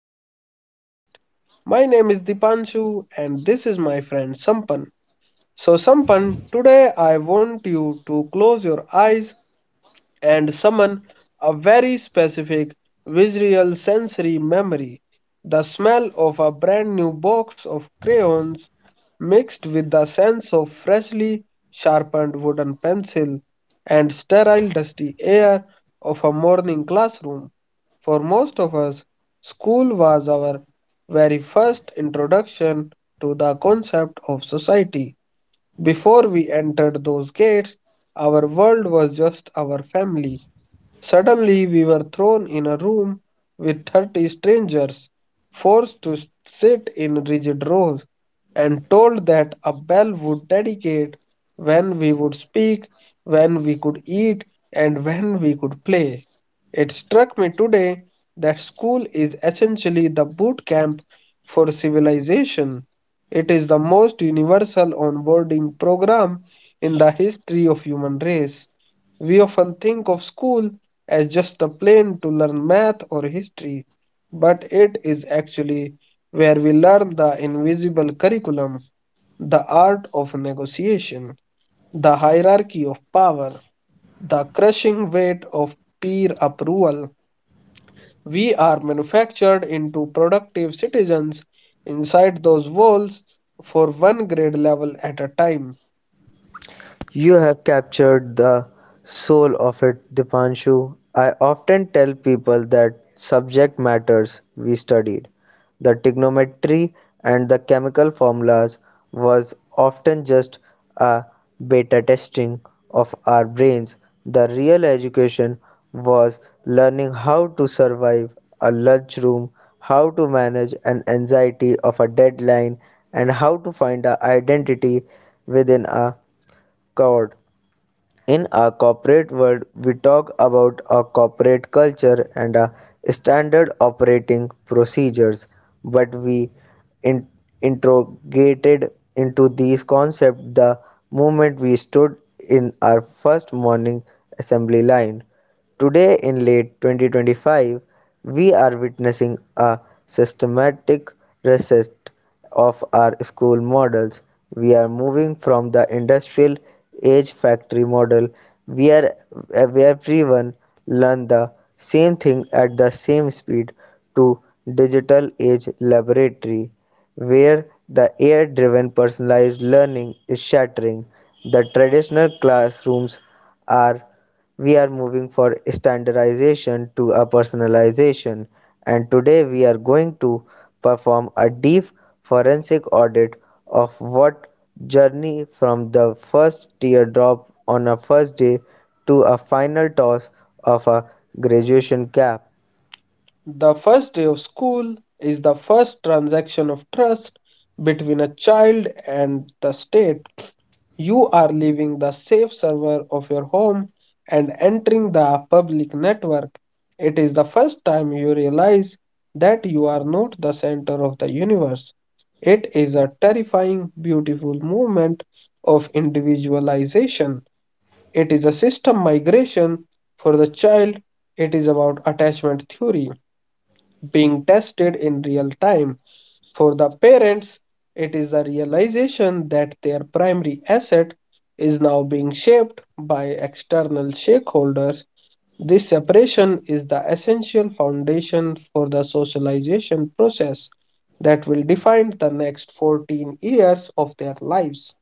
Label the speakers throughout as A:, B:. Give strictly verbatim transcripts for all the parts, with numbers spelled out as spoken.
A: back to our podcast. My name is Dipanshu, and this is my friend Sampan. So, Sampan, today I want you to close your eyes and summon a very specific visual sensory memory. The smell of a brand new box of crayons mixed with the sense of freshly sharpened wooden pencil and sterile dusty air of a morning classroom. For most of us, school was our very first introduction to the concept of society. Before we entered those gates, our world was just our family. Suddenly we were thrown in a room with thirty strangers, forced to sit in rigid rows, and told that a bell would dedicate when we would speak, when we could eat, and when we could play. It struck me today that school is essentially the boot camp for civilization. It is the most universal onboarding program in the history of human race. We often think of school as just a plane to learn math or history, but it is actually where we learn the invisible curriculum, the art of negotiation, the hierarchy of power, the crushing weight of peer approval. We are manufactured into productive citizens inside those walls for one grade level at a time.
B: You have captured the soul of it, Dipanshu. I often tell people that subject matters we studied, the trigonometry and the chemical formulas, was often just a beta testing of our brains. The real education was learning how to survive a lunchroom, how to manage an anxiety of a deadline, and how to find our identity within a crowd. In a corporate world, we talk about a corporate culture and a standard operating procedures, but we in- interrogated into these concepts the moment we stood in our first morning assembly line. Today, in late twenty twenty-five, we are witnessing a systematic reset of our school models. We are moving from the industrial age factory model where, where everyone learned the same thing at the same speed to digital age laboratory where the A I driven personalized learning is shattering. The traditional classrooms are we are moving from standardization to a personalization, and today we are going to perform a deep forensic audit of what journey from the first teardrop on a first day to a final toss of a graduation cap.
A: The first day of school is the first transaction of trust between a child and the state. You are leaving the safe server of your home and entering the public network. It is the first time you realize that you are not the center of the universe. It is a terrifying, beautiful movement of individualization. It is a system migration for the child. It is about attachment theory being tested in real time. For the parents, it is a realization that their primary asset is now being shaped by external stakeholders. This separation is the essential foundation for the socialization process that will define the next fourteen years of their lives.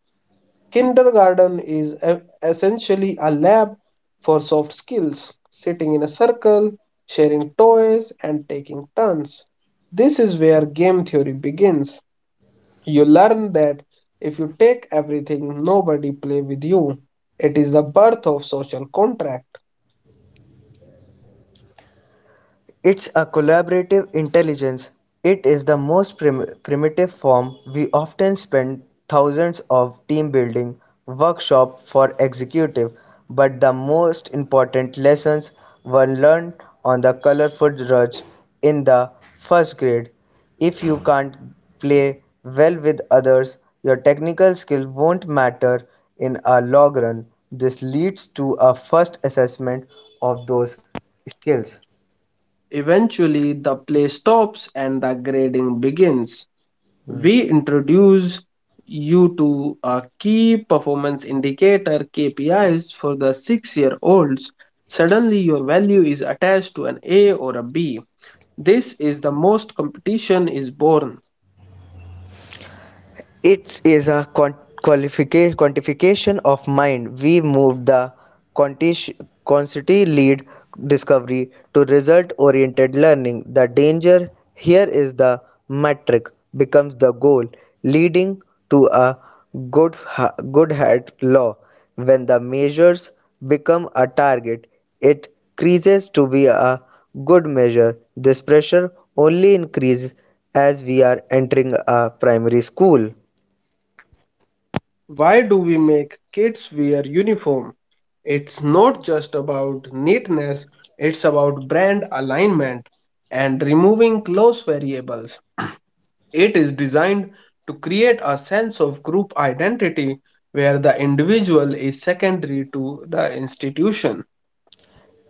A: Kindergarten is e- essentially a lab for soft skills, sitting in a circle, sharing toys, and taking turns. This is where game theory begins. You learn that if you take everything, nobody play with you. It is the birth of social contract.
B: It's a collaborative intelligence; it is the most prim- primitive form. We often spend thousands of team-building workshop for executive, but the most important lessons were learned on the colorful rush in the first grade. If you can't play well with others, your technical skill won't matter in a long run. This leads to a first assessment of those skills.
A: Eventually, the play stops and the grading begins. We
B: Hmm.
A: introduce you to a key performance indicator K P Is for the six year olds. Suddenly, your value is attached to an A or a B. This is the most competition is born.
B: It is a quant- quantification of mind. We move the quanti- quantity lead discovery to result oriented learning. The danger here is the metric becomes the goal, leading to a good, good hat law. When the measures become a target, it creases to be a good measure. This pressure only increases as we are entering a primary school.
A: Why do we make kids wear uniform? It's not just about neatness, it's about brand alignment and removing close variables. It is designed to create a sense of group identity where the individual is secondary to the institution.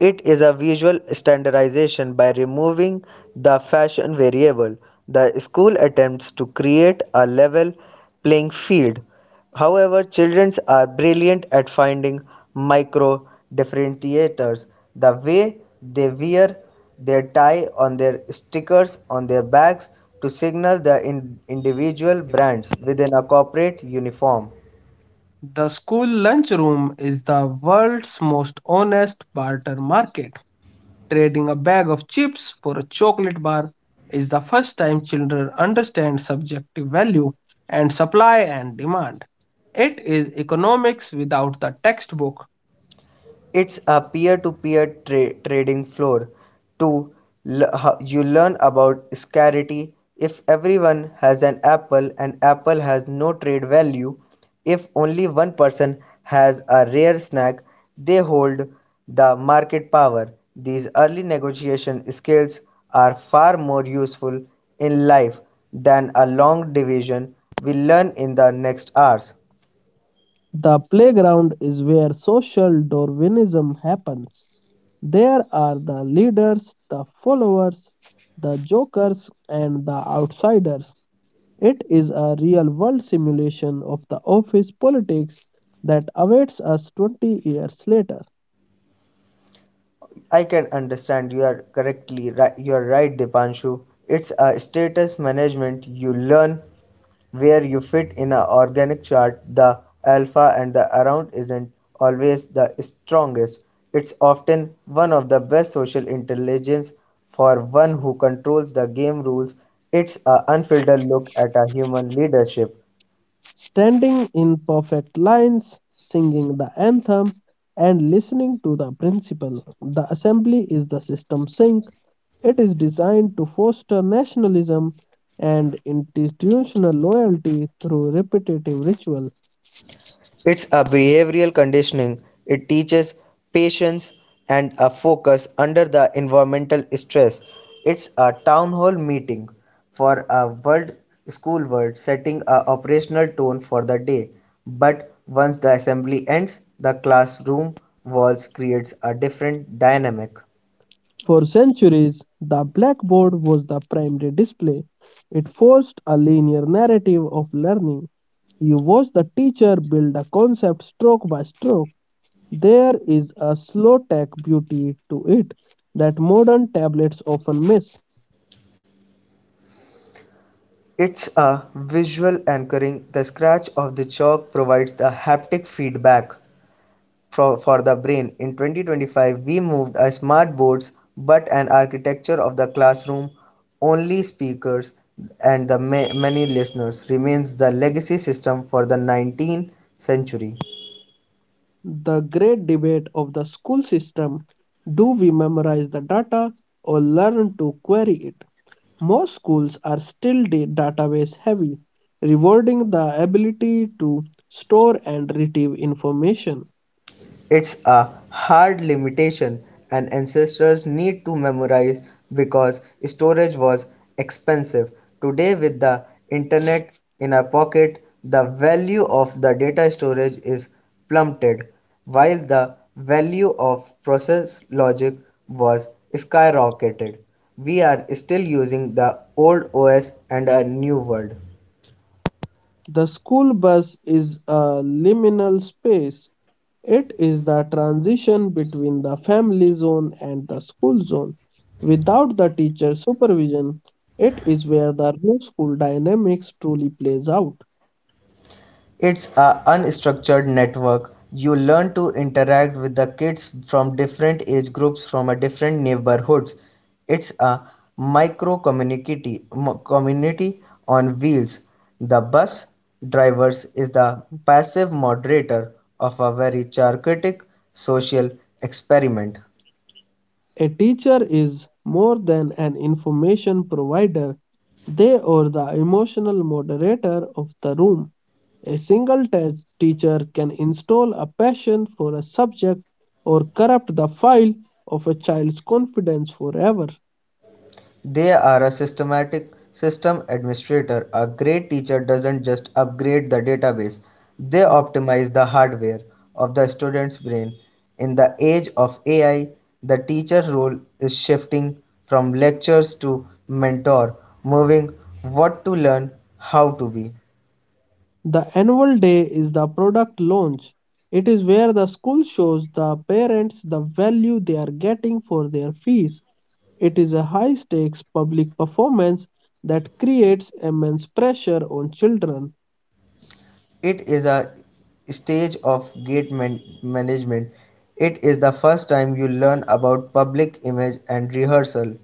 B: It is a visual standardization by removing the fashion variable. The school attempts to create a level playing field. However, children are brilliant at finding micro differentiators. The way they wear their tie on their stickers on their bags to signal the in- individual brands within a corporate uniform.
A: The school lunchroom is the world's most honest barter market. Trading a bag of chips for a chocolate bar is the first time children understand subjective value and supply and demand. It is economics without the textbook.
B: It's a peer-to-peer tra- trading floor. Two, l- ho- you learn about scarcity. If everyone has an apple and apple has no trade value, if only one person has a rare snack, they hold the market power. These early negotiation skills are far more useful in life than a long division we learn in the next hours.
A: The playground is where social Darwinism happens. There are the leaders, the followers, the jokers, and the outsiders. It is a real world simulation of the office politics that awaits us twenty years later.
B: I can understand you are correctly right. You are right, Dipanshu. It's a status management. You learn where you fit in a organic chart. The alpha and the around isn't always the strongest. It's often one of the best social intelligence for one who controls the game rules. It's a unfiltered look at a human leadership.
A: Standing in perfect lines, singing the anthem, and listening to the principal. The assembly is the system sink. It is designed to foster nationalism and institutional loyalty through repetitive ritual.
B: It's a behavioral conditioning. It teaches patience and a focus under the environmental stress. It's a town hall meeting for a world school world setting a operational tone for the day. But once the assembly ends, the classroom walls creates a different dynamic.
A: For centuries, the blackboard was the primary display. It forced a linear narrative of learning. You watch the teacher build a concept stroke by stroke. There is a slow tech beauty to it that modern tablets often miss.
B: It's a visual anchoring. The scratch of the chalk provides the haptic feedback for, for the brain. In twenty twenty-five, we moved our smart boards but an architecture of the classroom, only speakers, and the ma- many listeners remains the legacy system for the nineteenth century.
A: The great debate of the school system: do we memorize the data or learn to query it? Most schools are still da- database heavy, rewarding the ability to store and retrieve information.
B: It's a hard limitation, and ancestors need to memorize because storage was expensive. Today, with the internet in our pocket, the value of the data storage is plummeted, while the value of process logic was skyrocketed. We are still using the old O S and a new world.
A: The school bus is a liminal space. It is the transition between the family zone and the school zone. Without the teacher supervision, it is where the real school dynamics truly plays out.
B: It's a unstructured network. You learn to interact with the kids from different age groups from a different neighborhoods. It's a micro community mo- community on wheels. The bus drivers is the passive moderator of a very chaotic social experiment.
A: A teacher is more than an information provider, they are the emotional moderator of the room. A single te- teacher can install a passion for a subject or corrupt the file of a child's confidence forever.
B: They are a systematic system administrator. A great teacher doesn't just upgrade the database, they optimize the hardware of the student's brain. In the age of A I, the teacher role is shifting from lectures to mentor, moving what to learn, how to be.
A: The annual day is the product launch. It is where the school shows the parents the value they are getting for their fees. It is a high stakes public performance that creates immense pressure on children.
B: It is a stage of gate man- management. It is the first time you learn about public image and rehearsal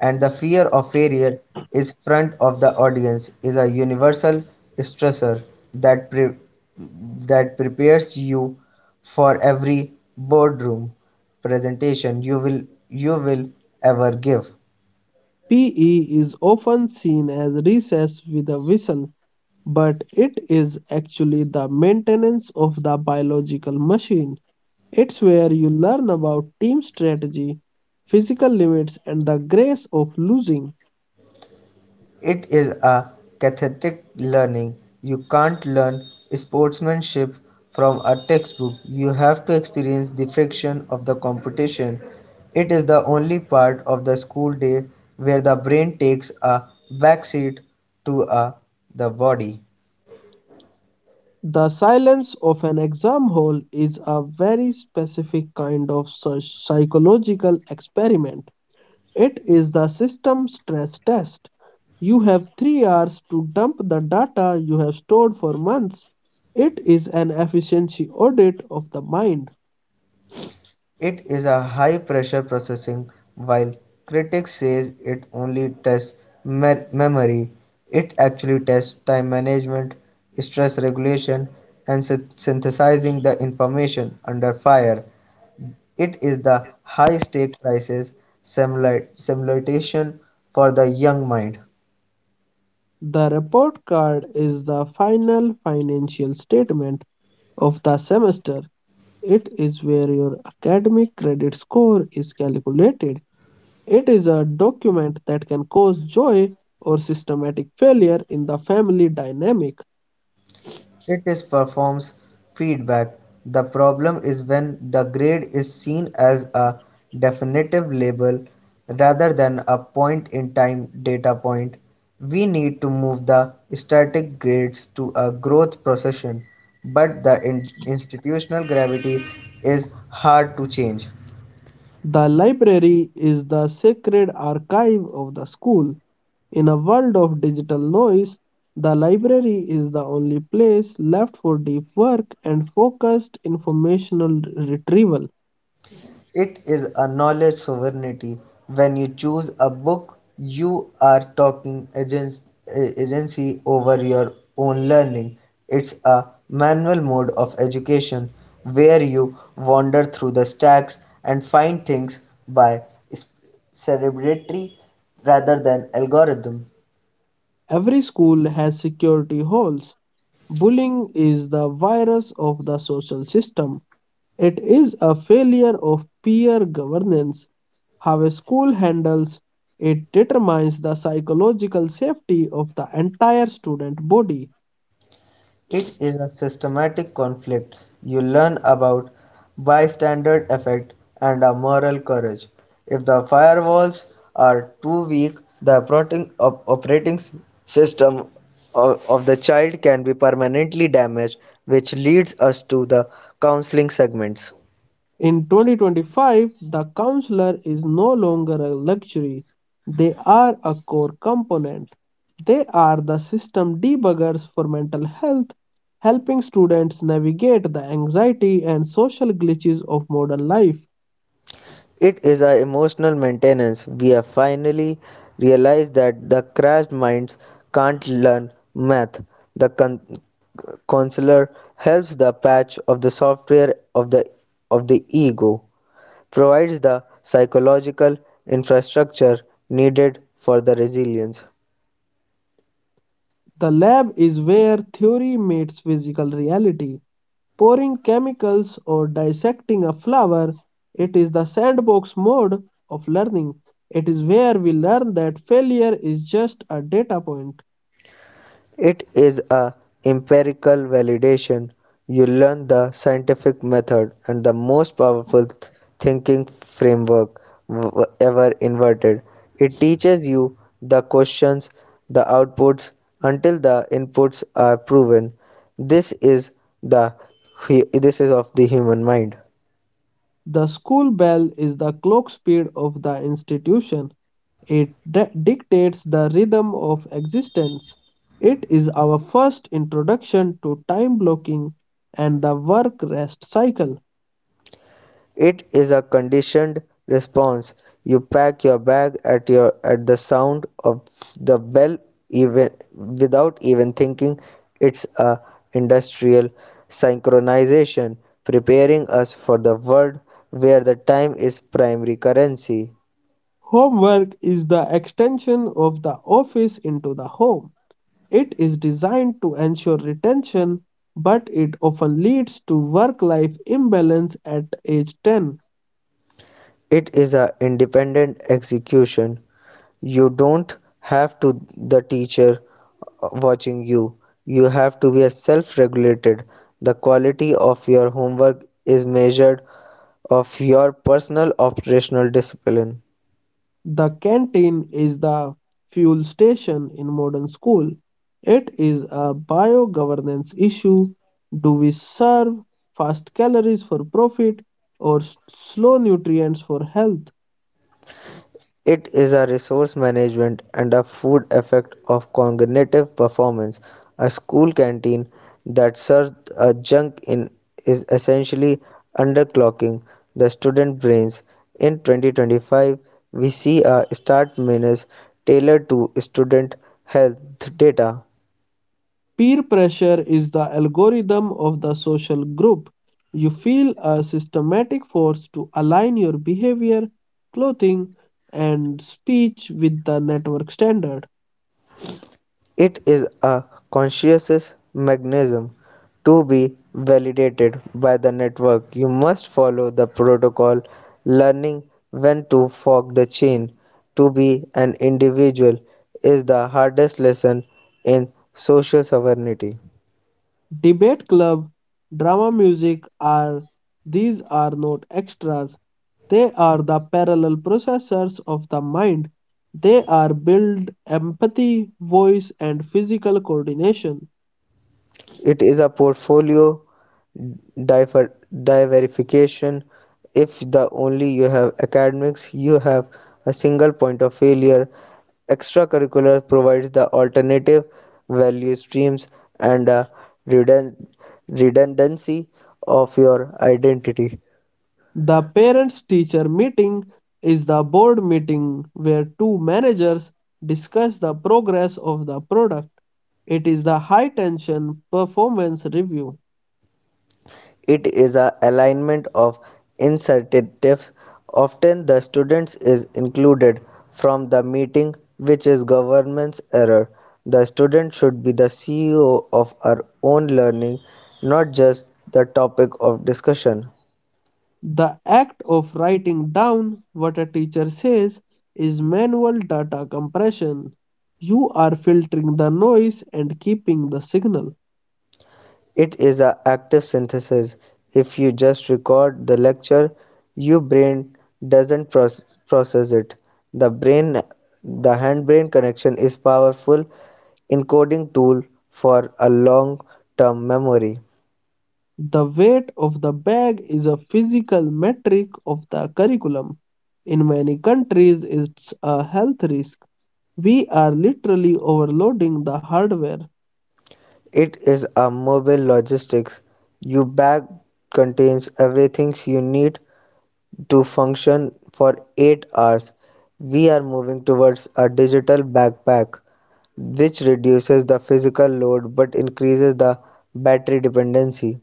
B: and the fear of failure is front of the audience is a universal stressor that pre- that prepares you for every boardroom presentation you will you will ever give.
A: P E is often seen as recess with a whistle, but it is actually the maintenance of the biological machine. It's where you learn about team strategy, physical limits, and the grace of losing.
B: It is a cathartic learning. You can't learn sportsmanship from a textbook. You have to experience the friction of the competition. It is the only part of the school day where the brain takes a backseat to uh, the body.
A: The silence of an exam hall is a very specific kind of psych- psychological experiment. It is the system stress test. You have three hours to dump the data you have stored for months. It is an efficiency audit of the mind.
B: It is a high pressure processing while critics says it only tests me- memory, it actually tests time management, stress regulation, and syn- synthesizing the information under fire. It is the high stake crisis simula- simulation for the young mind.
A: The report card is the final financial statement of the semester. It is where your academic credit score is calculated. It is a document that can cause joy or systematic failure in the family dynamic.
B: It is performs feedback. The problem is when the grade is seen as a definitive label rather than a point-in-time data point. We need to move the static grades to a growth procession, but the in- institutional gravity is hard to change.
A: The library is the sacred archive of the school. In a world of digital noise, the library is the only place left for deep work and focused informational retrieval.
B: It is a knowledge sovereignty. When you choose a book, you are talking agen- a- agency over your own learning. It's a manual mode of education where you wander through the stacks and find things by s- celebratory rather than algorithm.
A: Every school has security holes. Bullying is the virus of the social system. It is a failure of peer governance. How a school handles it determines the psychological safety of the entire student body.
B: It is a systematic conflict. You learn about bystander effect and a moral courage. If the firewalls are too weak, the operating, op- operating s- system of, of the child can be permanently damaged, which leads us to the counseling segments.
A: In twenty twenty-five, the counselor is no longer a luxury. They are a core component. They are the system debuggers for mental health, helping students navigate the anxiety and social glitches of modern life.
B: It is a emotional maintenance. We have finally realized that the crashed minds can't learn math. The con- counselor helps the patch of the software of the of the ego, provides the psychological infrastructure needed for the resilience.
A: The lab is where theory meets physical reality. Pouring chemicals or dissecting a flower, it is the sandbox mode of learning. It is where we learn that failure is just a data point.
B: It is a empirical validation. You learn the scientific method and the most powerful thinking framework ever invented. It teaches you the questions, the outputs until the inputs are proven. This is the this is of the human mind.
A: The school bell is the clock speed of the institution. It di- dictates the rhythm of existence. It is our first introduction to time blocking and the work rest cycle.
B: It is a conditioned response: you pack your bag at your at the sound of the bell even without even thinking. It's a industrial synchronization preparing us for the world where the time is primary currency.
A: Homework is the extension of the office into the home. It is designed to ensure retention, but it often leads to work life imbalance at age ten.
B: It is an independent execution. You don't have to the teacher uh, watching you. You have to be self-regulated. The quality of your homework is measured of your personal operational discipline.
A: The canteen is the fuel station in modern school. It is a bio-governance issue. Do we serve fast calories for profit or s- slow nutrients for health?
B: It is a resource management and a food effect of cognitive performance. A school canteen that serves a junk in is essentially underclocking the student brains. In twenty twenty-five, we see a start menus tailored to student health data.
A: Peer pressure is the algorithm of the social group. You feel a systematic force to align your behavior, clothing, and speech with the network standard.
B: It is a conscious mechanism to be validated by the network. You must follow the protocol, learning when to fork the chain. To be an individual is the hardest lesson in social sovereignty.
A: Debate club, drama music are, these are not extras. They are the parallel processors of the mind. They are build empathy, voice and physical coordination.
B: It is a portfolio diver- diversification. If the only you have academics, you have a single point of failure. Extracurricular provides the alternative value streams and a redundancy of your identity.
A: The parents teacher meeting is the board meeting where two managers discuss the progress of the product. It is the high tension performance review.
B: It is a alignment of incentives often the students is included from the meeting which is government's error. The student should be the C E O of our own learning not just the topic of discussion.
A: The act of writing down what a teacher says is manual data compression. You are filtering the noise and keeping the signal.
B: It is a active synthesis. If you just record the lecture, your brain doesn't process process it. The brain the hand-brain connection is powerful encoding tool for a long-term memory.
A: The weight of the bag is a physical metric of the curriculum. In many countries, it's a health risk. We are literally overloading the hardware.
B: It is a mobile logistics. Your bag contains everything you need to function for eight hours. We are moving towards a digital backpack which reduces the physical load but increases the battery dependency.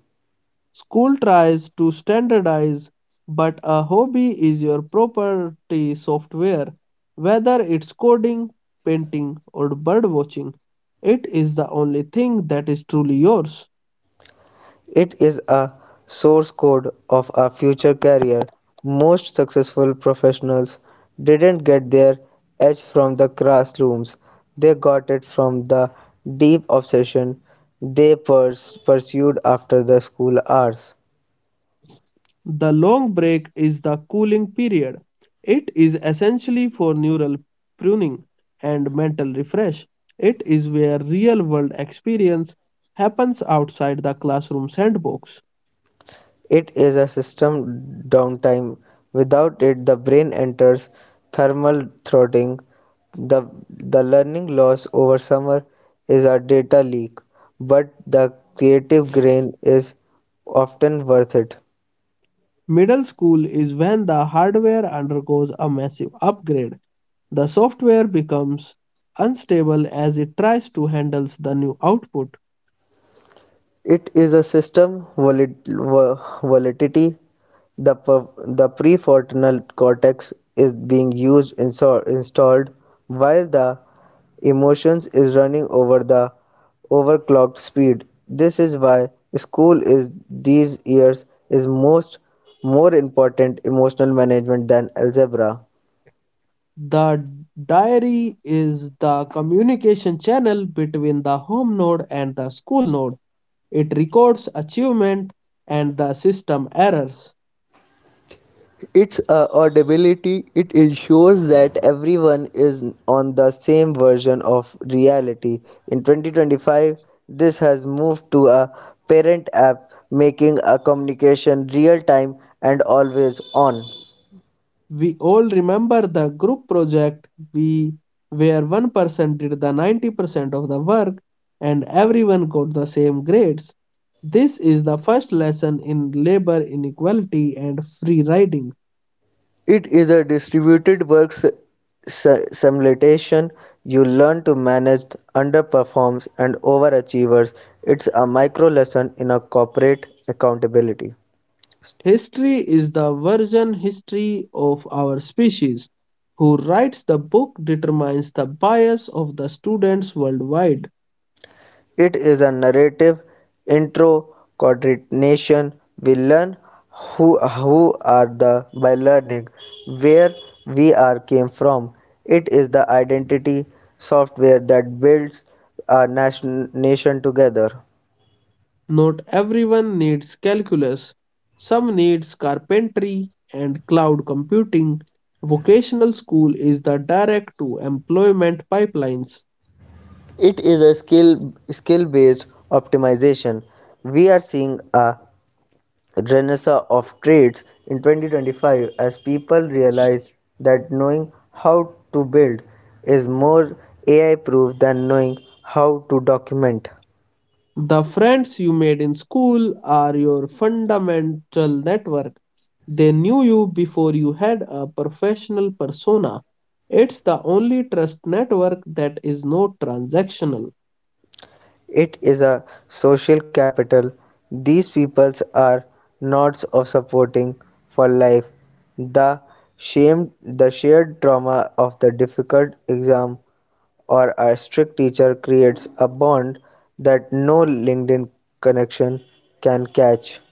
A: School tries to standardize, but a hobby is your property software. Whether it's coding, painting, or bird watching, it is the only thing that is truly yours.
B: It is a source code of a future career. Most successful professionals didn't get their edge from the classrooms, they got it from the deep obsession they pers- pursued after the school hours.
A: The long break is the cooling period. It is essentially for neural pruning and mental refresh. It is where real world experience happens outside the classroom sandbox.
B: It is a system downtime. Without it the brain enters thermal throttling. The, the learning loss over summer is a data leak, but the creative gain is often worth it.
A: Middle school is when the hardware undergoes a massive upgrade. The software becomes unstable as it tries to handle the new output.
B: It is a system volatility. The, the prefrontal cortex is being used insol- installed while the emotions is running over the overclocked speed. This is why school is these years is most more important emotional management than algebra.
A: The diary is the communication channel between the home node and the school node. It records achievement and the system errors.
B: Its uh, audibility it ensures that everyone is on the same version of reality. In twenty twenty-five, this has moved to a parent app making a communication real time and always on.
A: We all remember the group project, we where one person did the ninety percent of the work and everyone got the same grades. This is the first lesson in labor inequality and free riding.
B: It is a distributed work s- s- simulation. You learn to manage underperforms and overachievers. It's a micro lesson in a corporate accountability.
A: History is the version history of our species. Who writes the book determines the bias of the students worldwide.
B: It is a narrative intro-coordination we learn who who are the by learning where we are came from. It is the identity software that builds a nation, nation together.
A: Not everyone needs calculus. Some needs carpentry and cloud computing. Vocational school is the direct to employment pipelines.
B: It is a skill skill based optimization. We are seeing a renaissance of trades in twenty twenty-five as people realize that knowing how to build is more A I proof than knowing how to document.
A: The friends you made in school are your fundamental network. They knew you before you had a professional persona. It's the only trust network that is not transactional.
B: It is a social capital. These peoples are nodes of supporting for life. The shamed the shared trauma of the difficult exam or a strict teacher creates a bond that no LinkedIn connection can catch.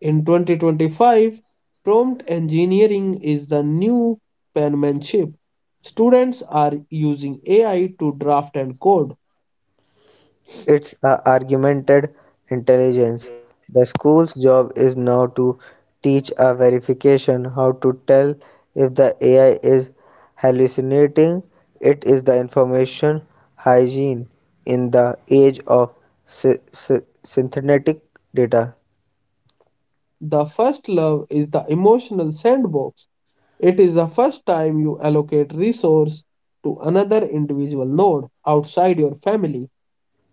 A: In twenty twenty-five, prompt engineering is the new penmanship. Students are using A I to draft and code.
B: It's a augmented intelligence. The school's job is now to teach a verification how to tell if the A I is hallucinating. It is the information hygiene in the age of sy- sy- synthetic data.
A: The first love is the emotional sandbox. It is the first time you allocate resource to another individual node outside your family.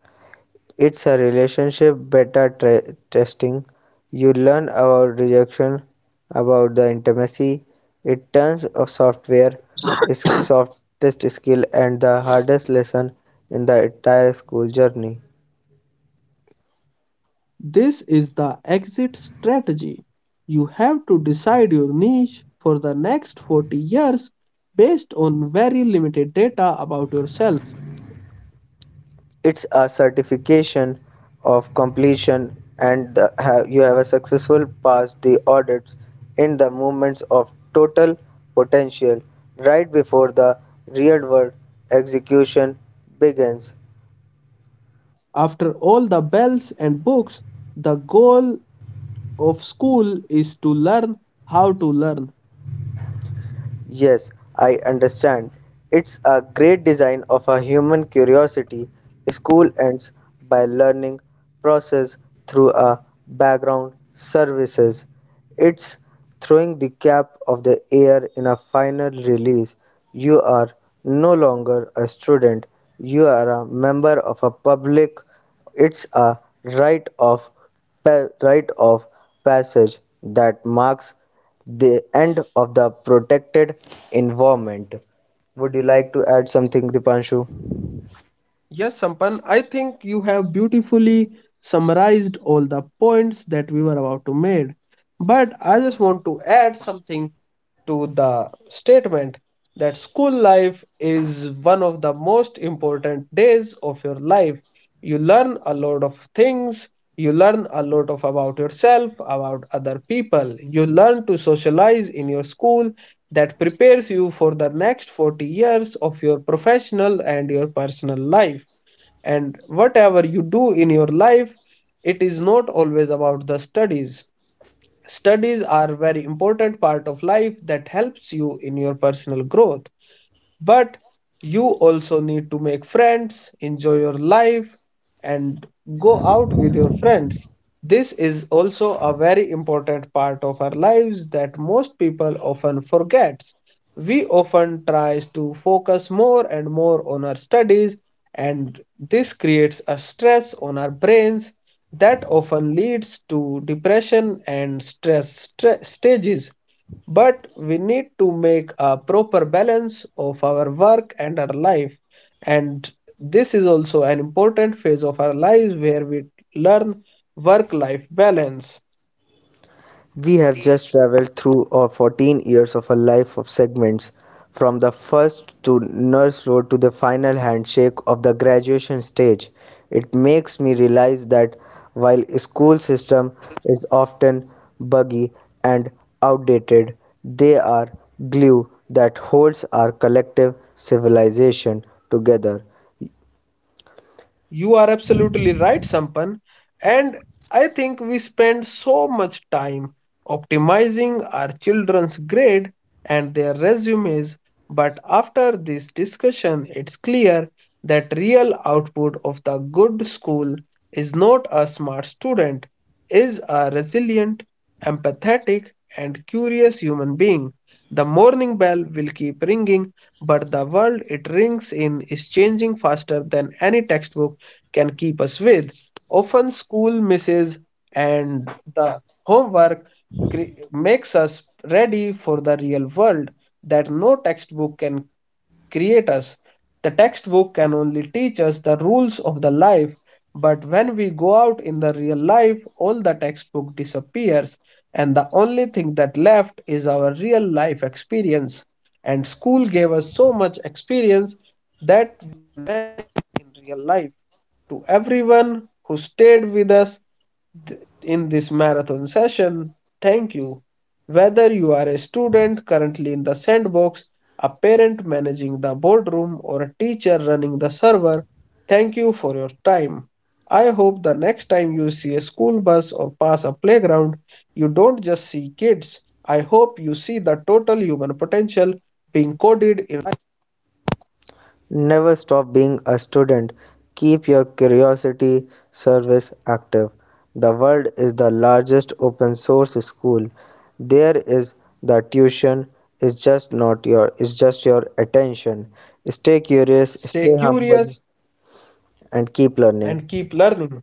B: It's a relationship beta tre- testing. You learn about rejection, about the intimacy. It turns of software is softest skill and the hardest lesson in the entire school journey.
A: This is the exit strategy. You have to decide your niche for the next forty years based on very limited data about yourself.
B: It's a certification of completion and the, have, you have a successful passed the audits in the moments of total potential right before the real world execution begins.
A: After all the bells and books, the goal of school is to learn how to learn.
B: Yes, I understand. It's a great design of a human curiosity. School ends by learning process through a background services. It's throwing the cap of the air in a final release. You are no longer a student. You are a member of a public. It's a rite of pa- rite of passage that marks the end of the protected environment. Would you like to add something, Dipanshu?
A: Yes, Sampan, I think you have beautifully summarized all the points that we were about to make. But I just want to add something to the statement that school life is one of the most important days of your life. You learn a lot of things. You learn a lot of about yourself, about other people. You learn to socialize in your school that prepares you for the next forty years of your professional and your personal life, and whatever you do in your life, it is not always about the studies. Studies are a very important part of life that helps you in your personal growth, but you also need to make friends, enjoy your life, and go out with your friends. This is also a very important part of our lives that most people often forget. We often tries to focus more and more on our studies, and this creates a stress on our brains that often leads to depression and stress stra- stages. But we need to make a proper balance of our work and our life. And this is also an important phase of our lives where we learn work life balance.
B: We have just traveled through our fourteen years of a life of segments, from the first to nurse road to the final handshake of the graduation stage. It makes me realize that while school system is often buggy and outdated, they are glue that holds our collective civilization together.
A: You are absolutely right, Sampan. And I think we spend so much time optimizing our children's grade and their resumes, but after this discussion, it's clear that real output of the good school is not a smart student, is a resilient, empathetic, and curious human being. The morning bell will keep ringing, but the world it rings in is changing faster than any textbook can keep us with. Often, school misses and the homework cre- makes us ready for the real world that no textbook can create us. The textbook can only teach us the rules of the life, but when we go out in the real life, all the textbook disappears, and the only thing that left is our real life experience. And school gave us so much experience that in real life. To everyone who stayed with us th- in this marathon session, thank you. Whether you are a student currently in the sandbox, a parent managing the boardroom, or a teacher running the server, thank you for your time. I hope the next time you see a school bus or pass a playground, you don't just see kids. I hope you see the total human potential being coded. in-
B: Never stop being a student. Keep your curiosity service active. The world is the largest open source school. There is the tuition is just not your is just your attention. Stay curious,
A: Stay
B: stay
A: curious
B: humble and keep learning.
A: and keep learning.